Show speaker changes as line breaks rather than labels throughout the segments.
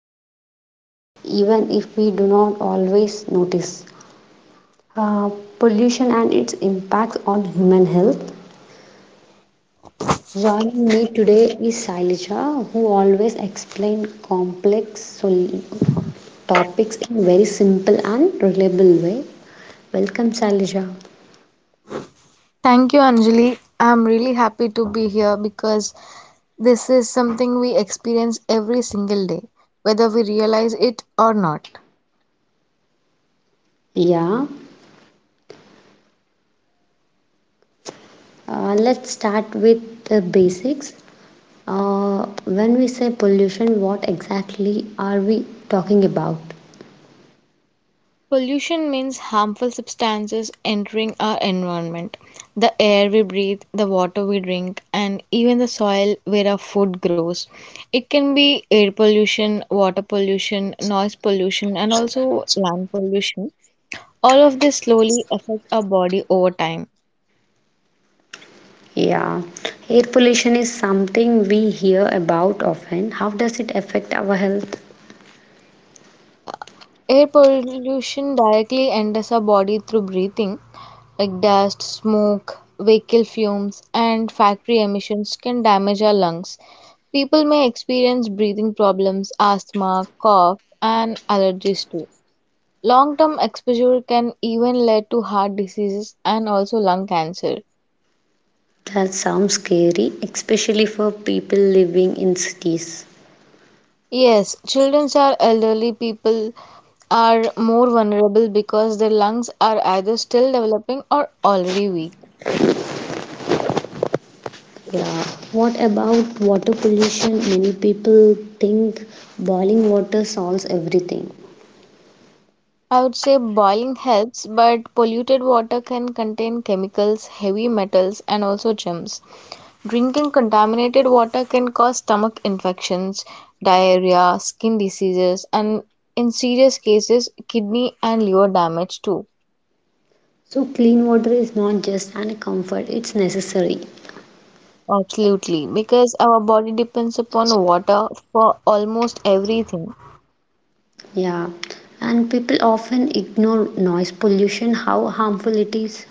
of us, even if we do not always notice. Uh, Pollution and its impact on human health. Joining me today is Sailaja, who always explains complex topics in very simple and reliable way. Welcome, Sailaja.
Thank you, Anjali. I'm really happy to be here because this is something we experience every single day, whether we realize it or not.
Yeah, let's start with the basics. When we say pollution, what exactly are we talking about?
Pollution means harmful substances entering our environment: the air we breathe, the water we drink, and even the soil where our food grows. It can be air pollution, water pollution, noise pollution, and also land pollution. All of this slowly affect our body over time.
Yeah, air pollution is something we hear about often. How does it affect our health?
Air pollution directly enters our body through breathing, like dust, smoke, vehicle fumes, and factory emissions can damage our lungs. People may experience breathing problems, asthma, cough, and allergies too. Long term exposure can even lead to heart diseases and also lung cancer.
That sounds scary, especially for people living in cities.
Yes, children or elderly people are more vulnerable because their lungs are either still developing or already weak.
Yeah. What about water pollution? Many people think boiling water solves everything.
I would say boiling helps, but polluted water can contain chemicals, heavy metals, and also germs. Drinking contaminated water can cause stomach infections, diarrhea, skin diseases, and in serious cases, kidney and liver damage too.
So, clean water is not just an comfort, it's necessary.
Absolutely, because our body depends upon water for almost everything.
Yeah, and people often ignore noise pollution, how harmful it is.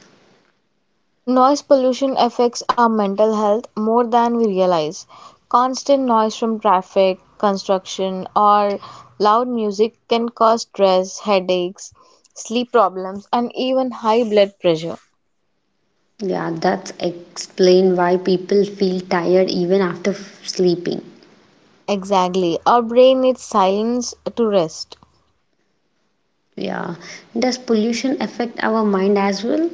Noise pollution affects our mental health more than we realize. Constant noise from traffic, construction, or loud music can cause stress, headaches, sleep problems, and even high blood pressure.
Yeah, that's explain why people feel tired even after sleeping.
Exactly. Our brain needs silence to rest.
Yeah, does pollution affect our mind as well?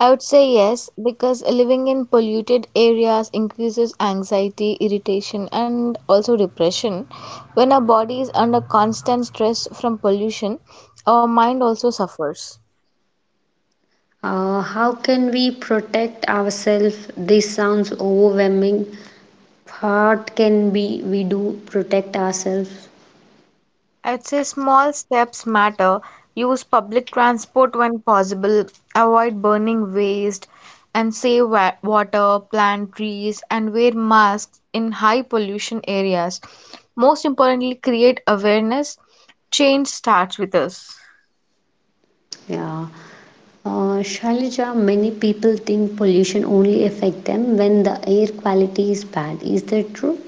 I would say yes, because living in polluted areas increases anxiety, irritation, and also depression. When our body is under constant stress from pollution, our mind also suffers.
How can we protect ourselves? This sounds overwhelming. What can we do protect ourselves?
I would say small steps matter. Use public transport when possible, avoid burning waste, and save water, plant trees, and wear masks in high pollution areas. Most importantly, create awareness. Change starts with us.
Yeah. Shailaja, many people think pollution only affect them when the air quality is bad. Is that true?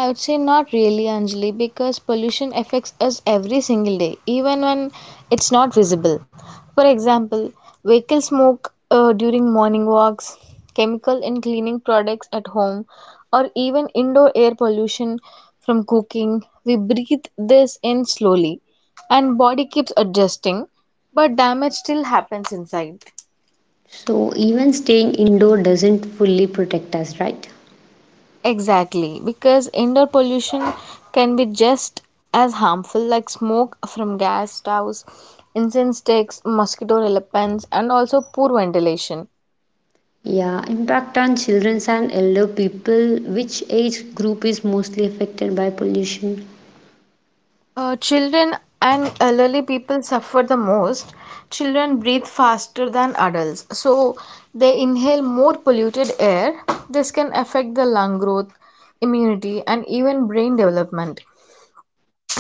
I would say not really, Anjali, because pollution affects us every single day, even when it's not visible. For example, vehicle smoke during morning walks, chemical in cleaning products at home, or even indoor air pollution from cooking. We breathe this in slowly, and body keeps adjusting, but damage still happens inside.
So even staying indoor doesn't fully protect us, right?
Exactly, because indoor pollution can be just as harmful, like smoke from gas stoves, incense sticks, mosquito repellents, and also poor ventilation.
Yeah, impact on children and elder people. Which age group is mostly affected by pollution?
Children and elderly people suffer the most. Children breathe faster than adults, so they inhale more polluted air. This can affect the lung growth, immunity, and even brain development.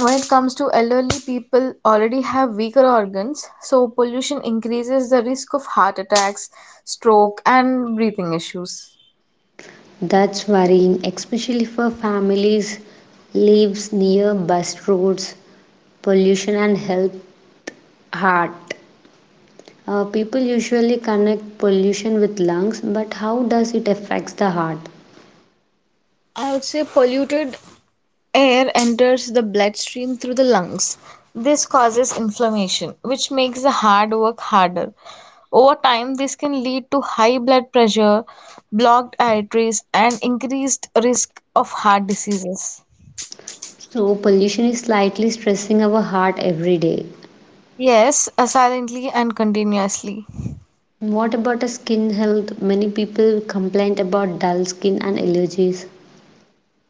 When it comes to elderly people, already have weaker organs, so pollution increases the risk of heart attacks, stroke, and breathing issues.
That's worrying, especially for families lives near bus roads. Pollution and health, heart. People usually connect pollution with lungs, but how does it affects the heart?
I would say polluted air enters the bloodstream through the lungs. This causes inflammation, which makes the hard work harder. Over time, this can lead to high blood pressure, blocked arteries, and increased risk of heart diseases.
So pollution is slightly stressing our heart every day.
Yes, silently and continuously.
What about a skin health? Many people complain about dull skin and allergies.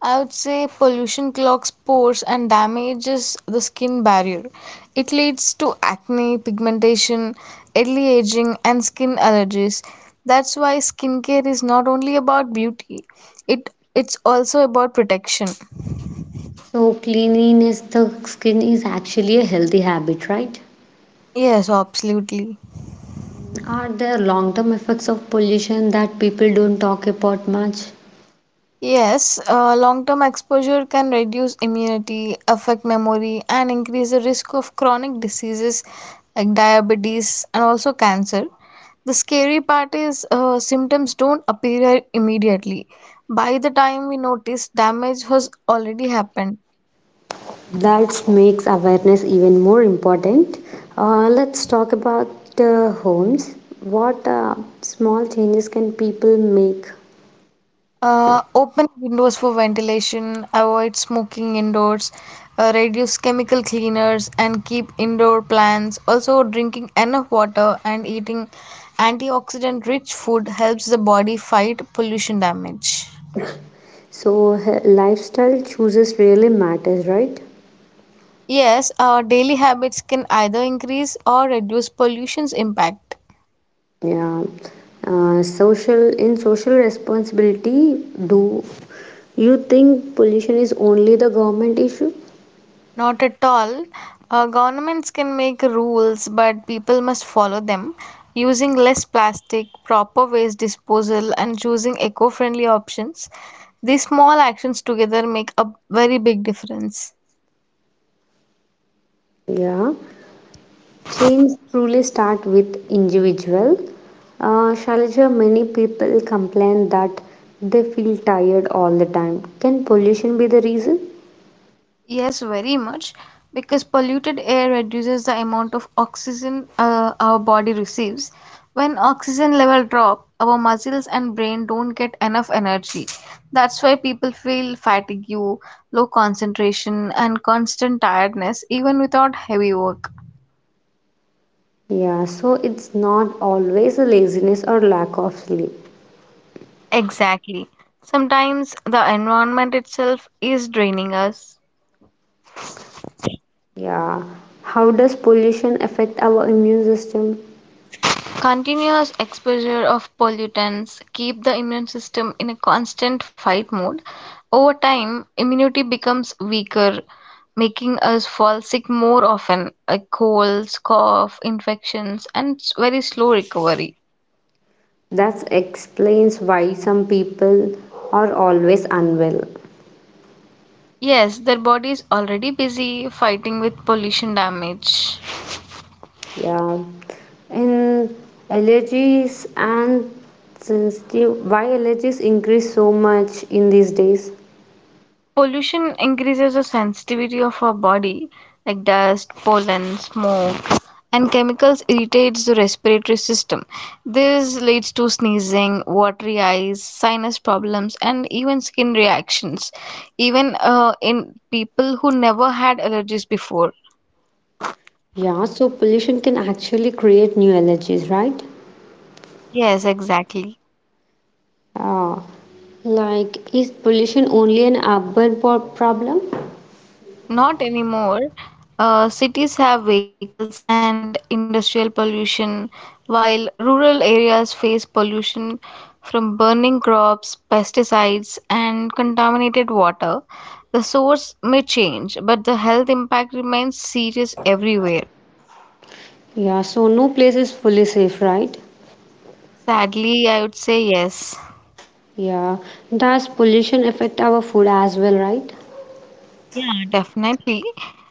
I would say pollution clogs pores and damages the skin barrier. It leads to acne, pigmentation, early aging, and skin allergies. That's why skincare is not only about beauty, it's also about protection.
So, cleanliness the skin is actually a healthy habit, right?
Yes, absolutely.
Are there long term effects of pollution that people don't talk about much?
Yes, long term exposure can reduce immunity, affect memory, and increase the risk of chronic diseases like diabetes and also cancer. The scary part is symptoms don't appear immediately. By the time we notice, damage has already happened.
That makes awareness even more important. Let's talk about homes. What small changes can people make?
Open windows for ventilation, avoid smoking indoors, reduce chemical cleaners, and keep indoor plants. Also, drinking enough water and eating antioxidant rich food helps the body fight pollution damage.
So, lifestyle choices really matters, right?
Yes, daily habits can either increase or reduce pollution's impact.
Yeah. Social responsibility, do you think pollution is only the government issue?
Not at all. Governments can make rules, but people must follow them. Using less plastic, proper waste disposal, and choosing eco friendly options. These small actions together make a very big difference.
Yeah. Change truly start with individual. Shailaja, many people complain that they feel tired all the time. Can pollution be the reason?
Yes, very much, because polluted air reduces the amount of oxygen our body receives. When oxygen level drop, our muscles and brain don't get enough energy. That's why people feel fatigue, low concentration, and constant tiredness even without heavy work.
Yeah, so it's not always a laziness or lack of sleep.
Exactly. Sometimes the environment itself is draining us.
Yeah. How does pollution affect our immune system?
Continuous exposure of pollutants keep the immune system in a constant fight mode. Over time, immunity becomes weaker, making us fall sick more often, like colds, cough, infections, and very slow recovery.
That explains why some people are always unwell.
Yes, their body is already busy fighting with pollution damage.
Yeah. And allergies and sensitive, why allergies increase so much in these days?
Pollution increases the sensitivity of our body, like dust, pollen, smoke, and chemicals irritates the respiratory system. This leads to sneezing, watery eyes, sinus problems, and even skin reactions, even in people who never had allergies before.
Yeah, so pollution can actually create new allergies, right?
Yes, exactly.
Yeah. Like, is pollution only an urban problem?
Not anymore. Cities have vehicles and industrial pollution, while rural areas face pollution from burning crops, pesticides, and contaminated water. The source may change, but the health impact remains serious everywhere.
Yeah, so no place is fully safe, right?
Sadly, I would say yes.
Yeah, does pollution affect our food as well, right?
Yeah, definitely.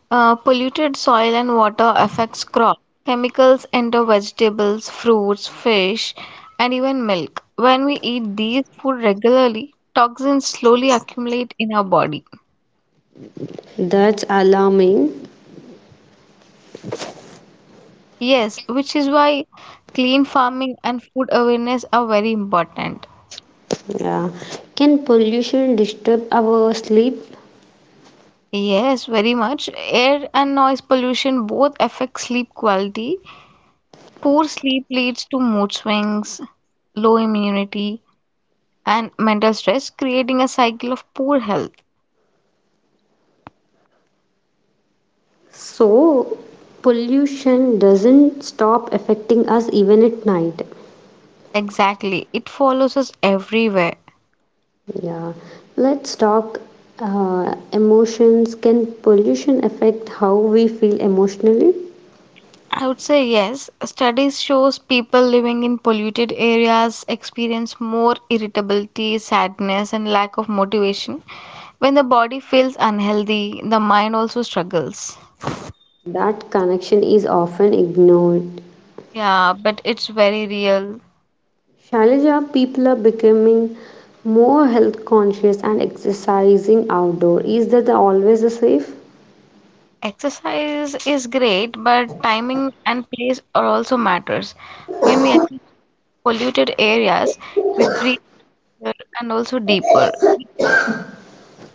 Polluted soil and water affects crops. Chemicals enter vegetables, fruits, fish, and even milk. When we eat these food regularly, toxins slowly accumulate in our body.
That's alarming.
Yes, which is why clean farming and food awareness are very important.
Yeah. Can pollution disturb our sleep?
Yes, very much. Air and noise pollution both affect sleep quality. Poor sleep leads to mood swings, low immunity, and mental stress, creating a cycle of poor health.
So, pollution doesn't stop affecting us even at night.
Exactly, it follows us everywhere.
Yeah. Let's talk emotions. Can pollution affect how we feel emotionally?
I would say yes. Studies shows people living in polluted areas experience more irritability, sadness and lack of motivation. When the body feels unhealthy, the mind also struggles.
That connection is often ignored.
Yeah, but it's very real.
Shailaja, people are becoming more health conscious and exercising outdoor. Is that always a safe?
Exercise is great, but timing and place are also matters. When we exercise in polluted areas, we breathe faster and also deeper,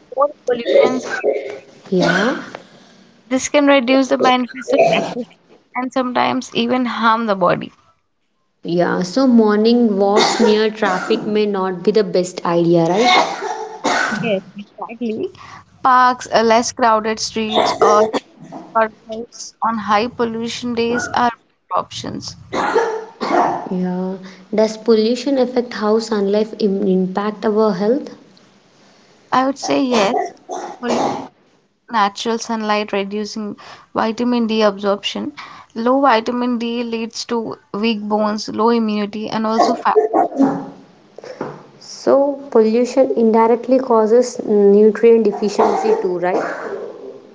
more pollutants, and
Yeah.
this can reduce the benefits of access and sometimes even harm the body.
Yeah, so morning walks near traffic may not be the best idea, right?
Yes, exactly. Parks, less crowded streets, or workouts on high pollution days are better options.
Yeah. Does pollution affect how sunlight impact our health?
I would say yes, pollution, natural sunlight reducing vitamin D absorption. Low vitamin D leads to weak bones, low immunity, and also fat.
So, pollution indirectly causes nutrient deficiency too, right?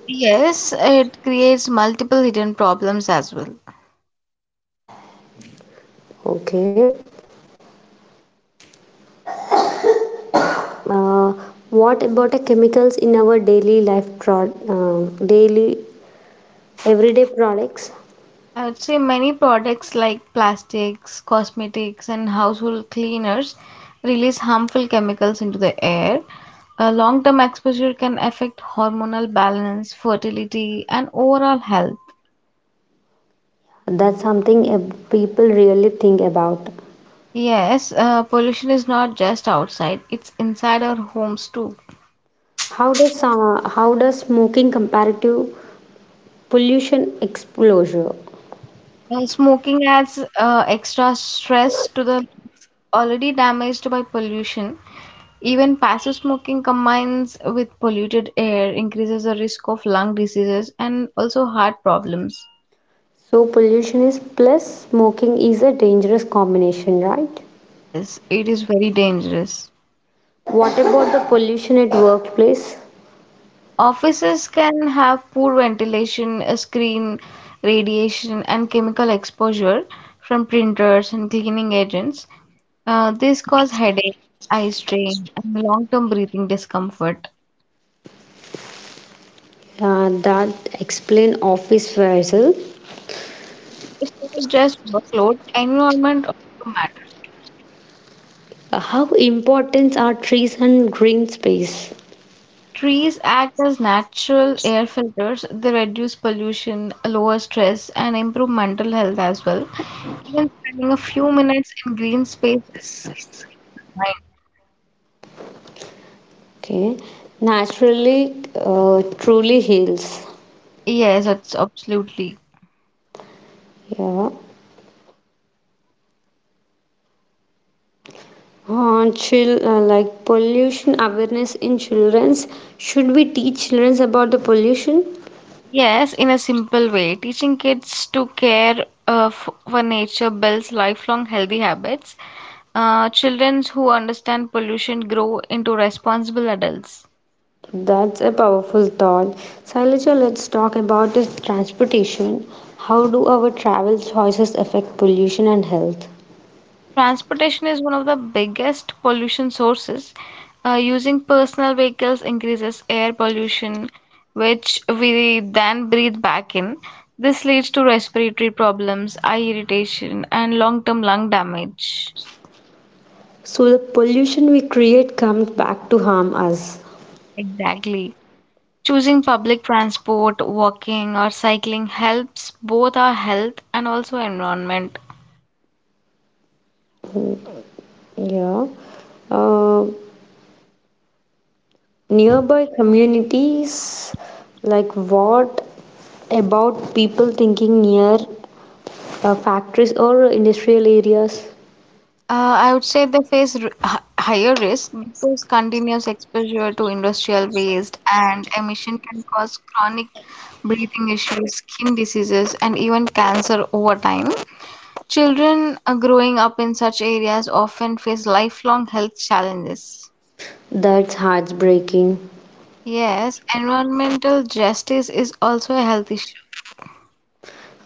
Yes, it creates multiple hidden problems as well.
Okay. Uh, what about the chemicals in our daily life, pro- daily everyday products?
I would say many products like plastics, cosmetics, and household cleaners release harmful chemicals into the air. A long term exposure can affect hormonal balance, fertility, and overall health.
That's something people really think about.
Yes, pollution is not just outside, it's inside our homes too.
How does smoking comparative pollution exposure
Smoking adds extra stress to the lungs already damaged by pollution. Even passive smoking combines with polluted air, increases the risk of lung diseases and also heart problems.
so pollution is plus smoking is a dangerous combination, right?
Yes, it is very dangerous.
What about the pollution at workplace?
Offices can have poor ventilation, screen radiation, and chemical exposure from printers and cleaning agents. This cause headache, eye strain, and long-term breathing discomfort.
Uh, that explain office vessel.
It's not just workload, environment also matters too.
How important are trees and green space?
Trees act as natural air filters. They reduce pollution, lower stress, and improve mental health as well. Even spending a few minutes in green spaces can calm the mind.
Okay, naturally, uh, truly heals.
Yes, that's absolutely.
Yeah. Like, pollution awareness in children's, should we teach children about the pollution?
Yes, in a simple way, teaching kids to care for nature builds lifelong healthy habits. Children who understand pollution grow into responsible adults.
That's a powerful thought. Sailaja, let's talk about the transportation. How do our travel choices affect pollution and health?
Transportation is one of the biggest pollution sources. Using personal vehicles increases air pollution, which we then breathe back in. This leads to respiratory problems, eye irritation, and long-term lung damage.
So the pollution we create comes back to harm us.
Exactly. Choosing public transport, walking, or cycling helps both our health and also environment.
Yeah. Uh, nearby communities, like what about people thinking near factories or industrial areas?
I would say they face r h higher risk because continuous exposure to industrial waste and emission can cause chronic breathing issues, skin diseases, and even cancer over time. Children growing up in such areas often face lifelong health challenges.
That's heartbreaking.
Yes, environmental justice is also a health issue.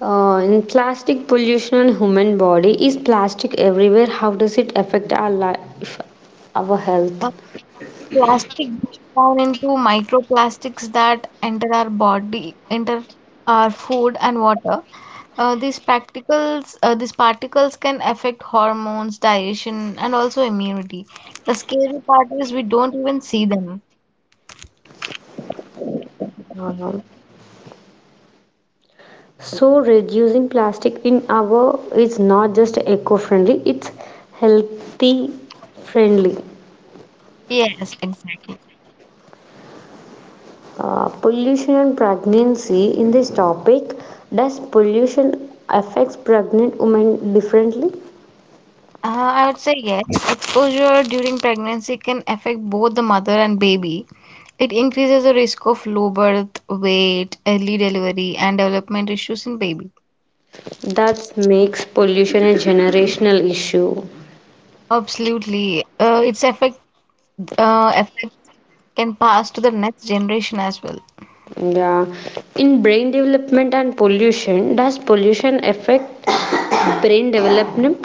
In plastic pollution on human body, is plastic everywhere? How does it affect our life, our health?
Plastic breaks down into microplastics that enter our body, enter our food and water. These particles can affect hormones, digestion, and also immunity. The scary part is we don't even see them.
Uh, So reducing plastic in our is not just eco-friendly; it's healthy friendly.
Yes, exactly.
Pollution and pregnancy in this topic. Does pollution affects pregnant women differently?
I would say yes. Exposure during pregnancy can affect both the mother and baby. It increases the risk of low birth, weight, early delivery, and development issues in baby.
That makes pollution a generational issue.
Absolutely. Its effects can pass to the next generation as well.
Yeah. In brain development and pollution, does pollution affect brain development?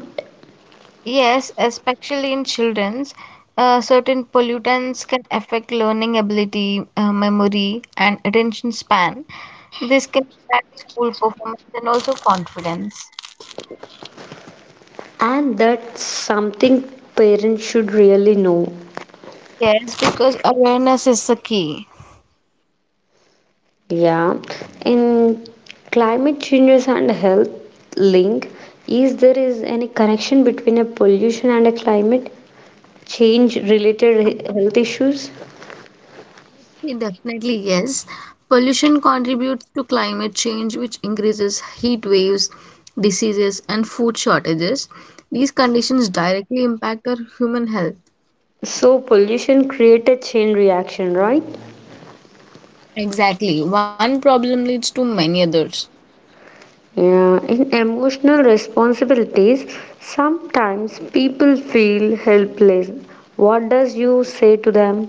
Yes, especially in children's, certain pollutants can affect learning ability, memory, and attention span. This can impact school performance and also confidence.
And that's something parents should really know.
Yes, because awareness is the key.
Yeah. In climate changes and health link, is there is any connection between a pollution and a climate change related health issues?
Definitely, yes. Pollution contributes to climate change, which increases heat waves, diseases, and food shortages. These conditions directly impact our human health.
So pollution create a chain reaction, right?
Exactly. One problem leads to many others.
Yeah, in emotional responsibilities, sometimes people feel helpless. What does you say to them?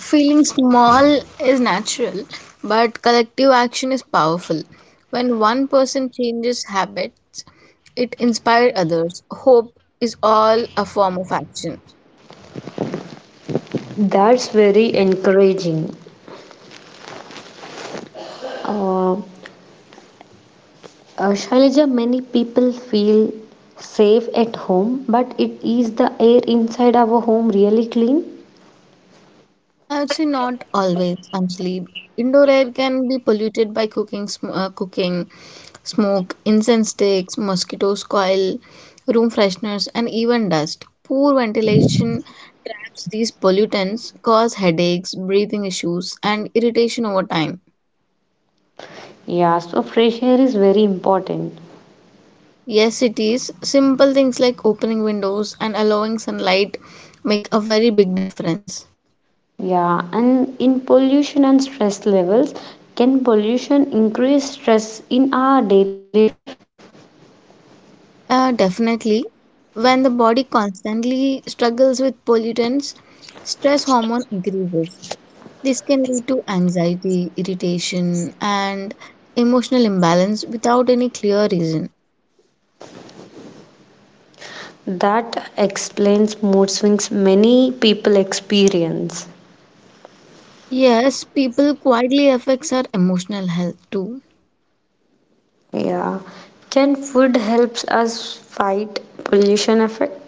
Feeling small is natural, but collective action is powerful. When one person changes habits, it inspires others. Hope is all a form of action.
That's very encouraging. Uh, Shailaja, many people feel safe at home, but it is the air inside our home really clean?
I would say not always, actually. Indoor air can be polluted by cooking, smoke, incense sticks, mosquitoes coil, room fresheners, and even dust. Poor ventilation traps these pollutants, cause headaches, breathing issues, and irritation over time.
Yeah, so fresh air is very important.
Yes, it is. Simple things like opening windows and allowing sunlight make a very big difference.
Yeah, and in pollution and stress levels, can pollution increase stress in our daily life?
Definitely. When the body constantly struggles with pollutants, stress hormone increases. This can lead to anxiety, irritation, and emotional imbalance without any clear reason.
That explains mood swings many people experience.
Yes, people quietly affects our emotional health too.
Yeah. Can food helps us fight pollution effect?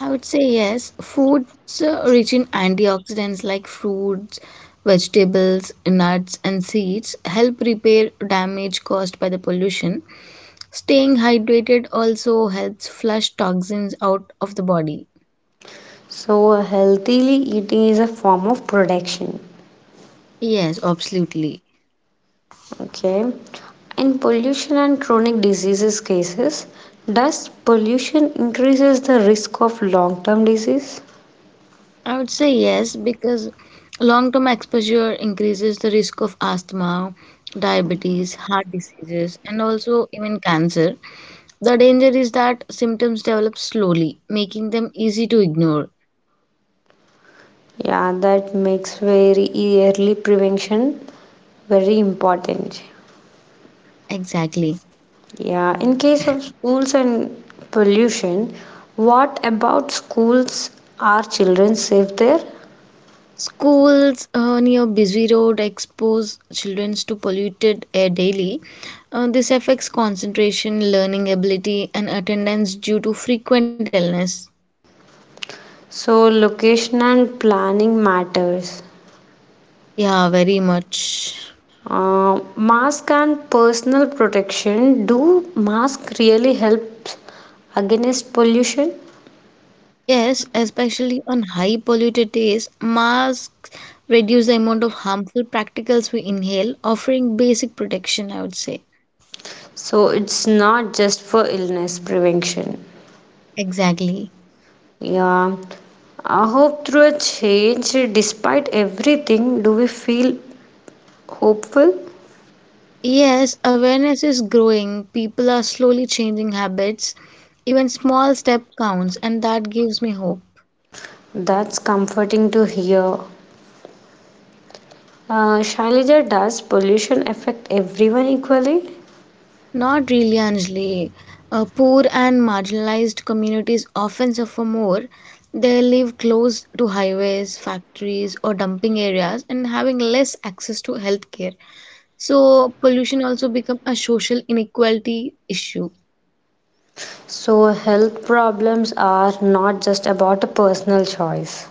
I would say yes. Foods rich in antioxidants like fruits, vegetables, nuts, and seeds help repair damage caused by the pollution. Staying hydrated also helps flush toxins out of the body.
So healthily eating is a form of protection.
Yes, absolutely.
Okay. In pollution and chronic diseases cases, does pollution increases the risk of long-term disease?
I would say yes because long term exposure increases the risk of asthma, diabetes, heart diseases, and also even cancer. The danger is that symptoms develop slowly, making them easy to ignore.
Yeah, that makes very early prevention very important.
Exactly.
Yeah, in case of schools and pollution, what about schools? Are children safe there?
Schools near busy road expose children to polluted air daily. This affects concentration, learning ability, and attendance due to frequent illness.
So, location and planning matters.
Yeah, very much.
Mask and personal protection. Do mask really helps against pollution?
Yes, especially on high polluted days, masks reduce the amount of harmful particles we inhale, offering basic protection, I would say.
So it's not just for illness prevention.
Exactly.
Yeah, I hope through a change, despite everything, do we feel hopeful?
Yes, awareness is growing. People are slowly changing habits. Even small step counts, and that gives me hope.
That's comforting to hear. Shailija, does pollution affect everyone equally?
Not really, Anjali. Poor and marginalized communities often suffer more. They live close to highways, factories, or dumping areas and having less access to healthcare. So, pollution also becomes a social inequality issue.
So, health problems are not just about a personal choice.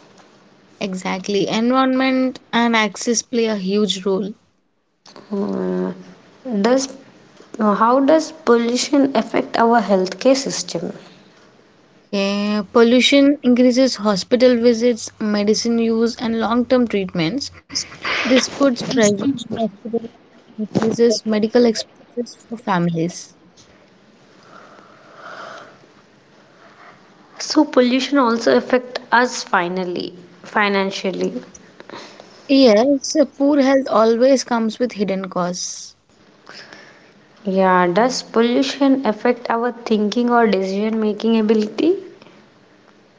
Exactly. Environment and access play a huge role.
Uh, does how does pollution affect our healthcare system?
Okay, pollution increases hospital visits, medicine use, and long-term treatments. This puts pressure on hospitals and increases medical expenses for families.
So, pollution also affect us finally, financially.
Yes, poor health always comes with hidden costs.
Yeah, does pollution affect our thinking or decision making ability?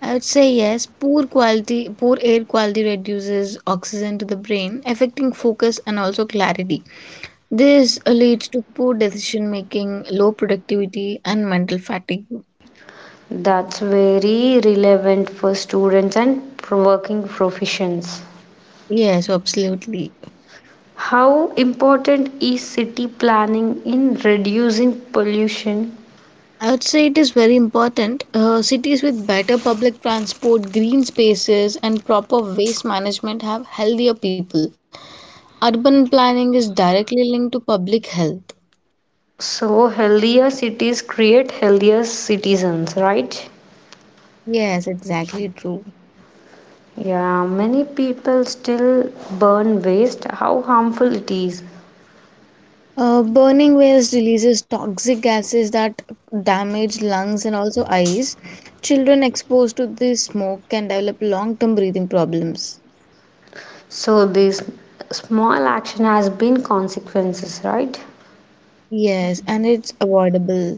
I would say yes, poor quality, poor air quality reduces oxygen to the brain, affecting focus and also clarity. This leads to poor decision making, low productivity, and mental fatigue.
That's very relevant for students and working professions.
Yes, absolutely.
How important is city planning in reducing pollution?
I would say it is very important. Cities with better public transport, green spaces, and proper waste management have healthier people. Urban planning is directly linked to public health.
So, healthier cities create healthier citizens, right?
Yes, exactly true.
Yeah, many people still burn waste, how harmful it is.
Burning waste releases toxic gases that damage lungs and also eyes. Children exposed to this smoke can develop long term breathing problems.
So, this small action has been consequences, right?
Yes, and it's avoidable.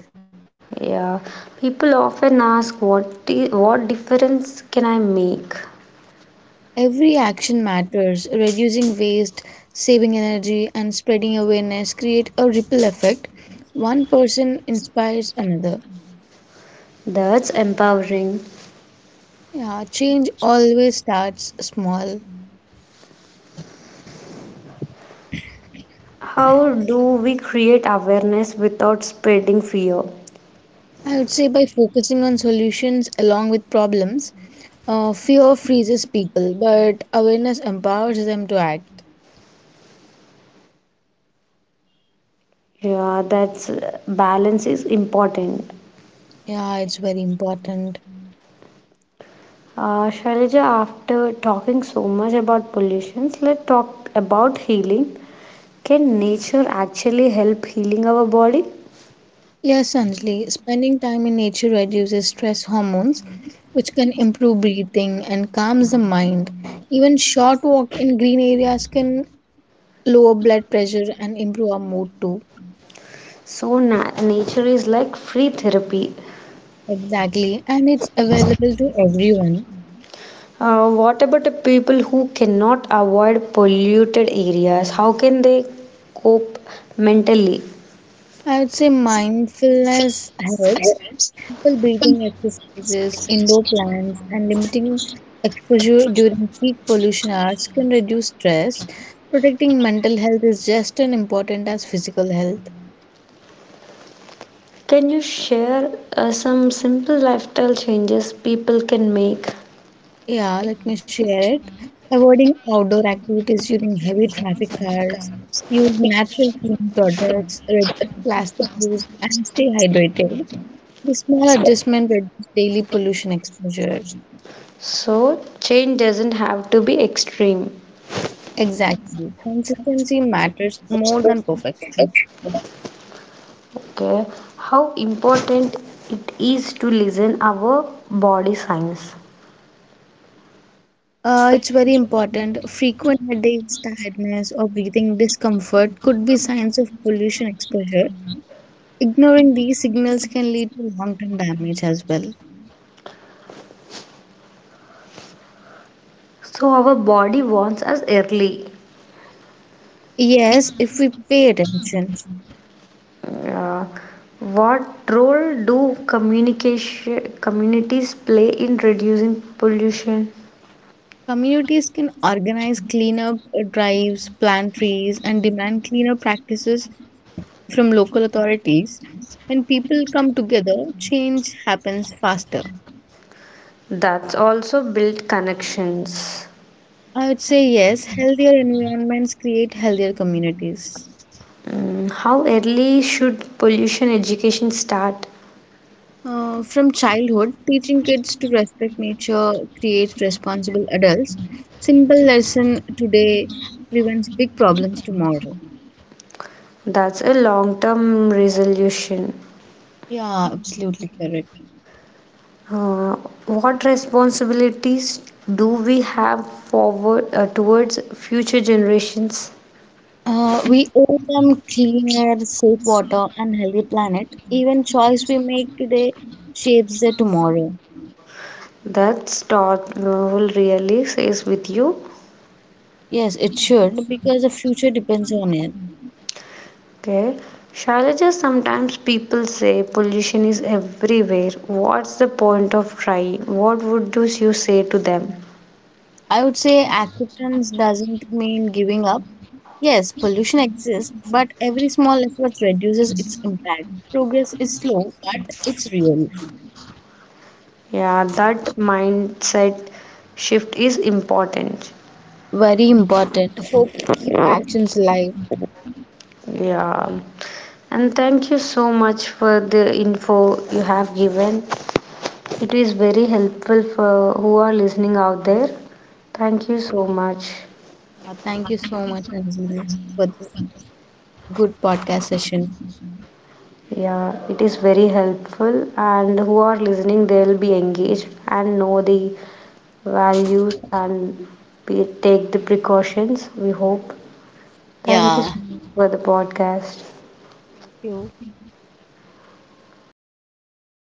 Yeah, people often ask what, what difference can I make?
Every action matters. Reducing waste, saving energy, and spreading awareness create a ripple effect. One person inspires another.
That's empowering.
Yeah, change always starts small.
How do we create awareness without spreading fear?
I would say by focusing on solutions along with problems, fear freezes people, but awareness empowers them to act.
Yeah, that's balance is important.
Yeah, it's very important.
Shailaja, after talking so much about pollution, let's talk about healing. Can nature actually help healing our body?
Yes, Anjali, spending time in nature reduces stress hormones, which can improve breathing and calms the mind. Even short walk in green areas can lower blood pressure and improve our mood too.
So nature is like free therapy.
Exactly, and it's available to everyone.
What about the people who cannot avoid polluted areas? How can they cope mentally?
I would say mindfulness helps. Simple breathing exercises, indoor plants, and limiting exposure during peak pollution hours can reduce stress. Protecting mental health is just as important as physical health.
Can you share some simple lifestyle changes people can make?
Yeah, let me share it. Avoiding outdoor activities during heavy traffic hours, use natural cleaning products, reduce plastic use, and stay hydrated. The small adjustment reduces daily pollution exposure.
So, change doesn't have to be extreme.
Exactly. Consistency matters more than perfection.
Okay. How important it is to listen our body signs.
It's very important. Frequent headaches, tiredness, or breathing discomfort could be signs of pollution exposure. Ignoring these signals can lead to long-term damage as well.
So, our body wants us early.
Yes, if we pay attention,
Uh, what role do communication communities play in reducing pollution?
communities can organize cleanup drives, plant trees, and demand cleaner practices from local authorities. When people come together, change happens faster.
That's also build connections.
I would say yes, healthier environments create healthier communities.
Mm, how early should pollution education start?
From childhood, teaching kids to respect nature creates responsible adults. Simple lesson today prevents big problems tomorrow.
That's a long term resolution.
Yeah, absolutely correct.
Uh, what responsibilities do we have forward towards future generations?
We owe them clean air, safe water, and healthy planet. Even choice we make today shapes the tomorrow.
That's thought will really says with you.
Yes, it should because the future depends on it.
Okay. Shailaja, sometimes people say pollution is everywhere. What's the point of trying? What would you say to them?
I would say acceptance doesn't mean giving up. Yes, pollution exists, but every small effort reduces its impact. Progress is slow, but it's real.
Yeah, that mindset shift is important.
Very important. Hope you keep actions live.
Yeah. And thank you so much for the info you have given. It is very helpful for who are listening out there. Thank you so much.
Thank you so much, Anjali, for this good podcast session.
Yeah, it is very helpful and who are listening they'll be engaged and know the values and we take the precautions we hope. Thank you
Yeah,
so much for the podcast.
thank you.